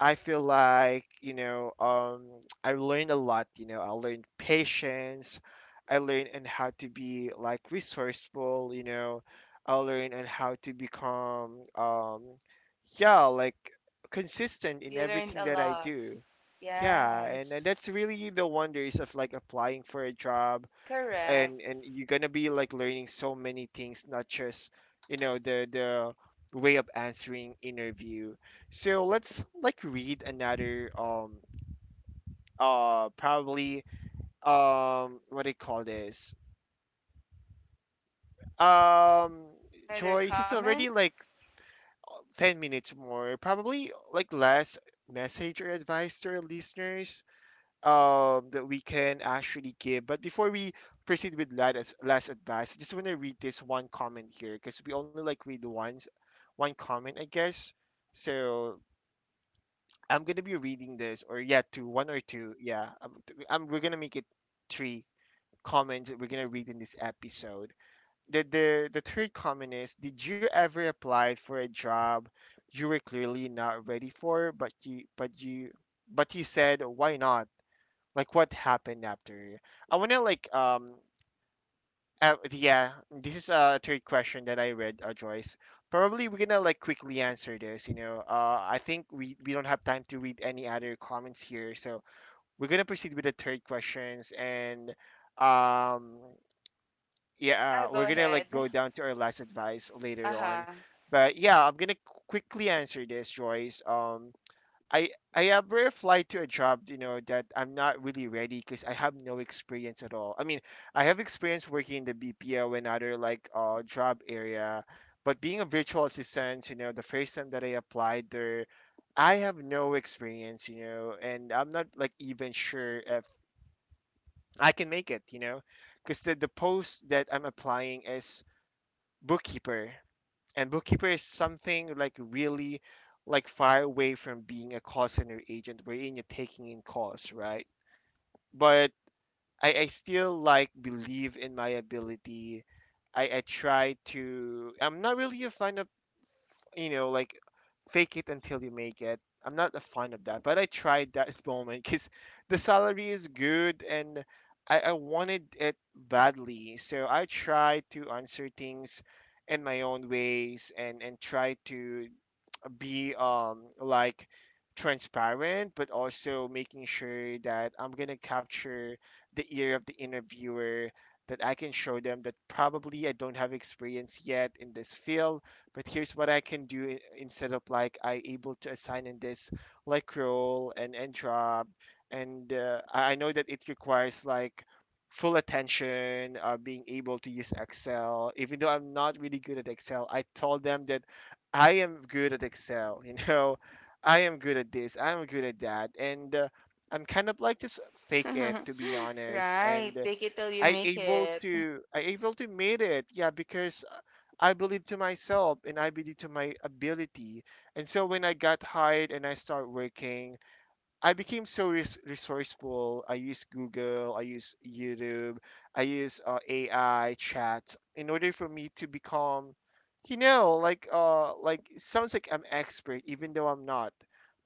S1: I feel like, you know, I learned a lot, you know, I learned patience, I learned on how to be like resourceful, you know, I learned on how to become, yeah, like consistent in
S2: You learned
S1: everything
S2: a
S1: that I
S2: lot.
S1: do. Yeah, and
S2: Yes.
S1: that's really the wonders of like applying for a job,
S2: Correct.
S1: and you're gonna be like learning so many things, not just, you know, the way of answering interview. So let's like read another, um, uh, probably, um, what do you call this, um,
S2: Another
S1: Joyce, it's
S2: comment?
S1: already like 10 minutes more, probably like last message or advice to our listeners, um, that we can actually give. But before we proceed with last advice, I just want to read this one comment here, because we only like read once one comment, I guess. So I'm gonna be reading this, or yeah, two, one or two. Yeah, we're gonna make it three comments that we're gonna read in this episode. The third comment is: did you ever apply for a job you were clearly not ready for, but you but you said, why not? Like, what happened after? I wanna like, um, yeah, this is a third question that I read, Joyce. Probably we're gonna like quickly answer this, you know. I think we don't have time to read any other comments here, so we're gonna proceed with the third questions and, um,
S2: Yeah,
S1: yeah,
S2: go
S1: we're gonna
S2: ahead.
S1: like go down to our last advice later
S2: Uh-huh.
S1: on. But yeah, I'm gonna quickly answer this, Joyce. Um, I ever applied to a job, you know, that I'm not really ready because I have no experience at all. I mean, I have experience working in the BPO and other like job area, but being a virtual assistant, you know, the first time that I applied there, I have no experience, you know, and I'm not like even sure if I can make it, you know, because the post that I'm applying is bookkeeper, and bookkeeper is something like really like far away from being a call center agent wherein you're taking in calls, right? But I still like believe in my ability. I try to I'm not really a fan of, you know, like, fake it until you make it. I'm not a fan of that, but I tried that moment because the salary is good, and I wanted it badly. So I tried to answer things in my own ways, and try to be, um, like transparent, but also making sure that I'm going to capture the ear of the interviewer, that I can show them that probably I don't have experience yet in this field, but here's what I can do. Instead of like I able to assign in this like role and job, and, I know that it requires like full attention, being able to use Excel. Even though I'm not really good at Excel, I told them that I am good at Excel, you know, I am good at this, I'm good at that, and, I'm kind of like just fake it, to be honest,
S2: Right.
S1: and,
S2: Fake it till you
S1: I
S2: make
S1: able
S2: it.
S1: to, I able to made it, yeah, because, I believe to myself and I believe to my ability. And so when I got hired and I start working, I became so resourceful. I use Google, I use YouTube, I use, AI chat in order for me to become, you know, like, like it sounds like I'm expert even though I'm not.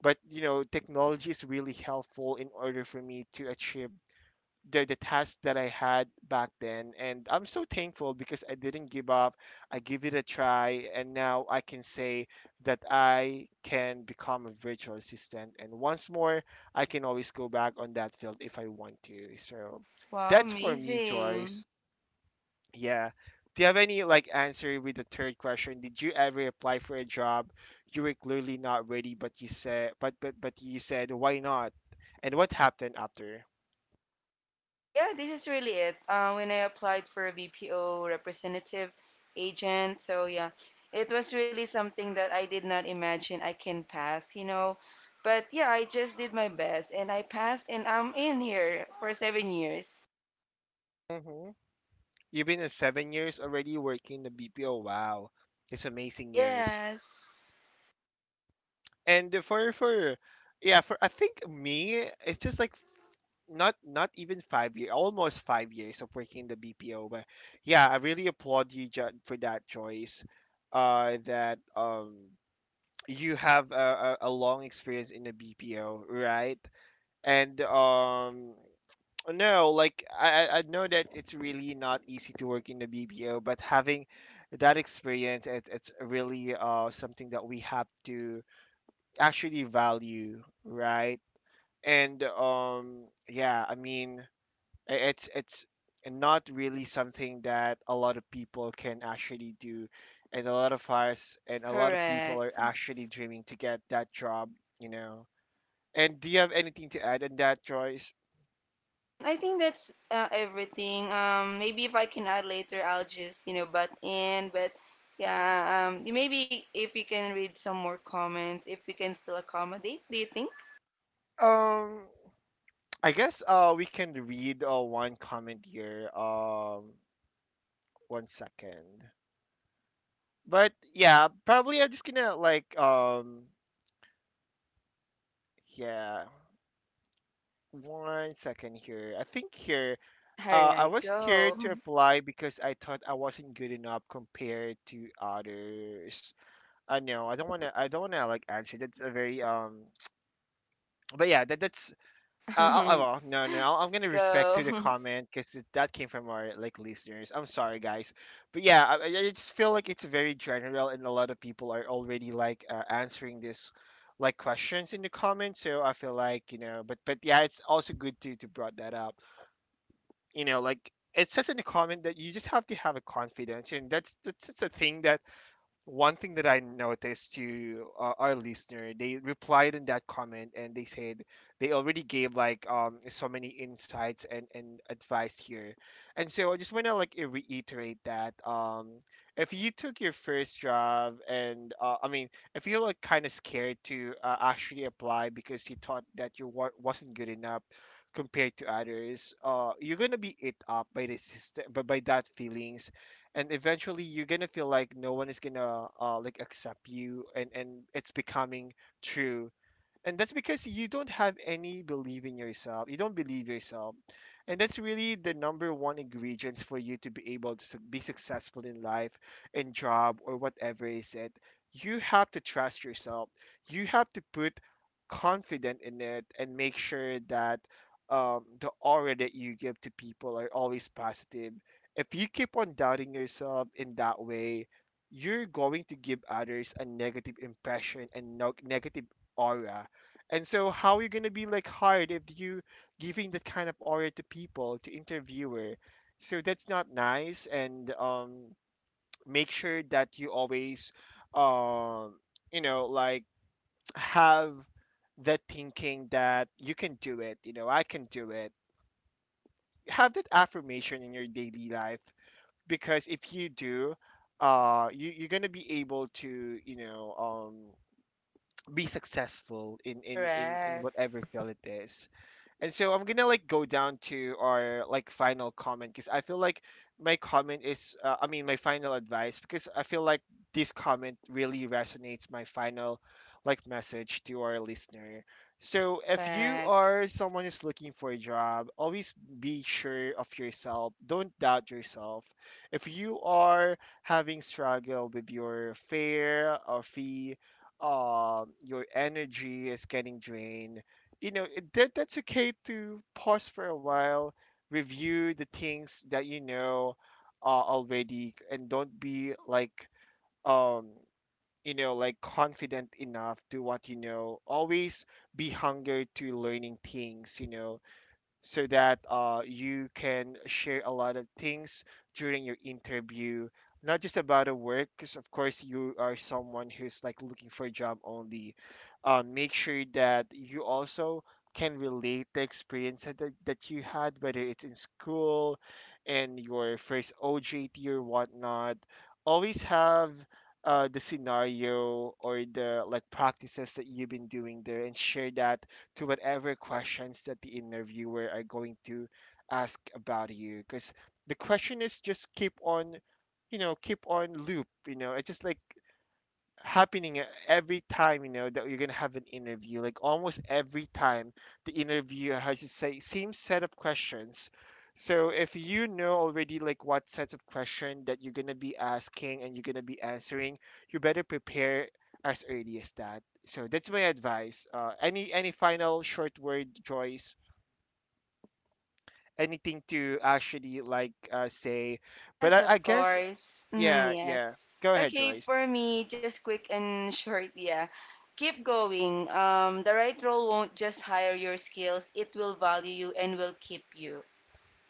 S1: But you know, technology is really helpful in order for me to achieve the task that I had back then. And I'm so thankful because I didn't give up. I give it a try. And now I can say that I can become a virtual assistant. And once more, I can always go back on that field if I want to. So
S2: Wow,
S1: that's for me,
S2: amazing.
S1: Joyce. Yeah. Do you have any like answer with the third question? Did you ever apply for a job you were clearly not ready, but you said, but you said, why not? And what happened after?
S2: Okay, yeah, this is really it. When I applied for a BPO representative agent, so yeah, it was really something that I did not imagine I can pass. But yeah, I just did my best and I passed and I'm in here for 7 years.
S1: Mm-hmm. You've been in 7 years already working the BPO. Wow, it's amazing years.
S2: Yes,
S1: And for for yeah for i think me it's just like not not even five year, almost 5 years of working in the BPO. But yeah i really applaud you, for that choice, that you have a long experience in the BPO, right? and no like I know that it's really not easy to work in the BPO, but having that experience, it's really something that we have to actually value, right? I mean, it's not really something that a lot of people can actually do, and a lot of people
S2: correct.
S1: are actually dreaming to get that job, you know. And do you have anything to add on that, Joyce?
S2: Mm, I think that's everything. Maybe if I can add later, I'll just butt in. But yeah, maybe if you can read some more comments, if we can still accommodate, do you think?
S1: Um, I guess we can read one comment here. One second. But yeah, probably I'm just gonna like yeah. One second here. I think here, I
S2: Alright,
S1: was scared
S2: go.
S1: to apply because I thought I wasn't good enough compared to others. I know I don't wanna. I don't wanna like answer. That's a very. But yeah, that's. I will. No, no. I'm gonna respect to the
S2: Go.
S1: comment because that came from our like listeners. I'm sorry, guys. But yeah, I just feel like it's very general and a lot of people are already like answering this like questions in the comments, so I feel like you know, but yeah, it's also good to brought that up. You know, like it says in the comment that you just have to have a confidence, and that's just a thing that one thing that I noticed to our listener. They replied in that comment and they said they already gave like so many insights and advice here, and so I just want to like reiterate that, if you took your first job, and I mean, if you're like kind of scared to actually apply because you thought that you wasn't good enough compared to others, uh, you're gonna be it up by the system, but by that feelings. And eventually you're gonna feel like no one is gonna like accept you, and it's becoming true, and that's because you don't have any belief in yourself, you don't believe yourself. And that's really the number one ingredient for you to be able to be successful in life, in job, or whatever is it. You have to trust yourself. You have to put confident in it and make sure that, the aura that you give to people are always positive. If you keep on doubting yourself in that way, you're going to give others a negative impression, and negative aura. And so how are you gonna be like hard if you giving that kind of aura to people, to interviewer? So that's not nice. And Make sure that you always, um you know like have the thinking that you can do it. You know, I can do it. Have that affirmation in your daily life, because if you do, you, you're gonna be able to, you know, be successful in
S2: Correct.
S1: whatever field it is. And so I'm gonna like go down to our like final comment, because I feel like my comment is, I mean, my final advice, because I feel like this comment really resonates my final like message to our listener. So if you
S2: Perfect.
S1: are someone who's looking for a job, always be sure of yourself. Don't doubt yourself. If you are having struggle with your fear or fee, your energy is getting drained. You know, that that's okay to pause for a while, review the things that you know already, and don't be like, um confident enough to what you know. Always be hunger to learning things, you know, so that you can share a lot of things during your interview, not just about a work. Because of course, you are someone who's like looking for a job only, make sure that you also can relate the experience that you had, whether it's in school and your first OJT or whatnot. Always have the scenario or the like practices that you've been doing there, and share that to whatever questions that the interviewer are going to ask about you. Because the question is just keep on, you know, keep on loop. You know, it's just like happening every time. You know that you're gonna have an interview like almost every time, the interview has the say same set of questions. So if you know already like what sets of question that you're gonna be asking and you're gonna be answering, you better prepare as early as that. So that's my advice. Any final short word, Joyce? Anything to actually like say? But
S2: Yes, of
S1: I guess,
S2: course. Mm,
S1: yeah,
S2: yes.
S1: yeah, go ahead,
S2: Okay,
S1: Joyce.
S2: for me, just quick and short, yeah. Keep going. The right role won't just hire your skills, it will value you and will keep you.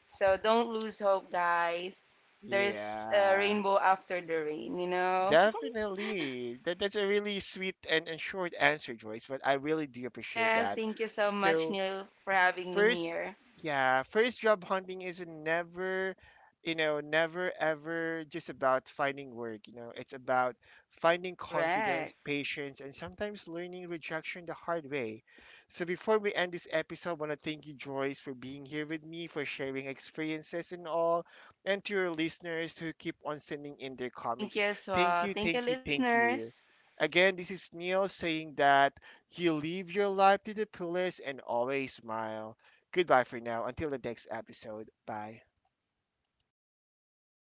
S2: So don't lose hope, guys. There's a
S1: Yeah.
S2: rainbow after the rain, you know?
S1: Definitely. That's a really sweet and short answer, Joyce, but I really do appreciate
S2: Yes,
S1: that.
S2: thank you so much,
S1: So,
S2: Neil, for having me
S1: first,
S2: here.
S1: yeah, first job hunting is never, you know, never ever just about finding work. You know, it's about finding confidence,
S2: Correct.
S1: patience, and sometimes learning rejection the hard way. So before we end this episode, I want to thank you, Joyce, for being here with me, for sharing experiences and all, and to your listeners who keep on sending in their
S2: Thank
S1: comments.
S2: you as
S1: Thank
S2: well.
S1: you,
S2: Thank you,
S1: thank you, thank you.
S2: listeners.
S1: Again, this is Neil saying that, you leave your life to the fullest and always smile. Goodbye for now. Until the next episode. Bye.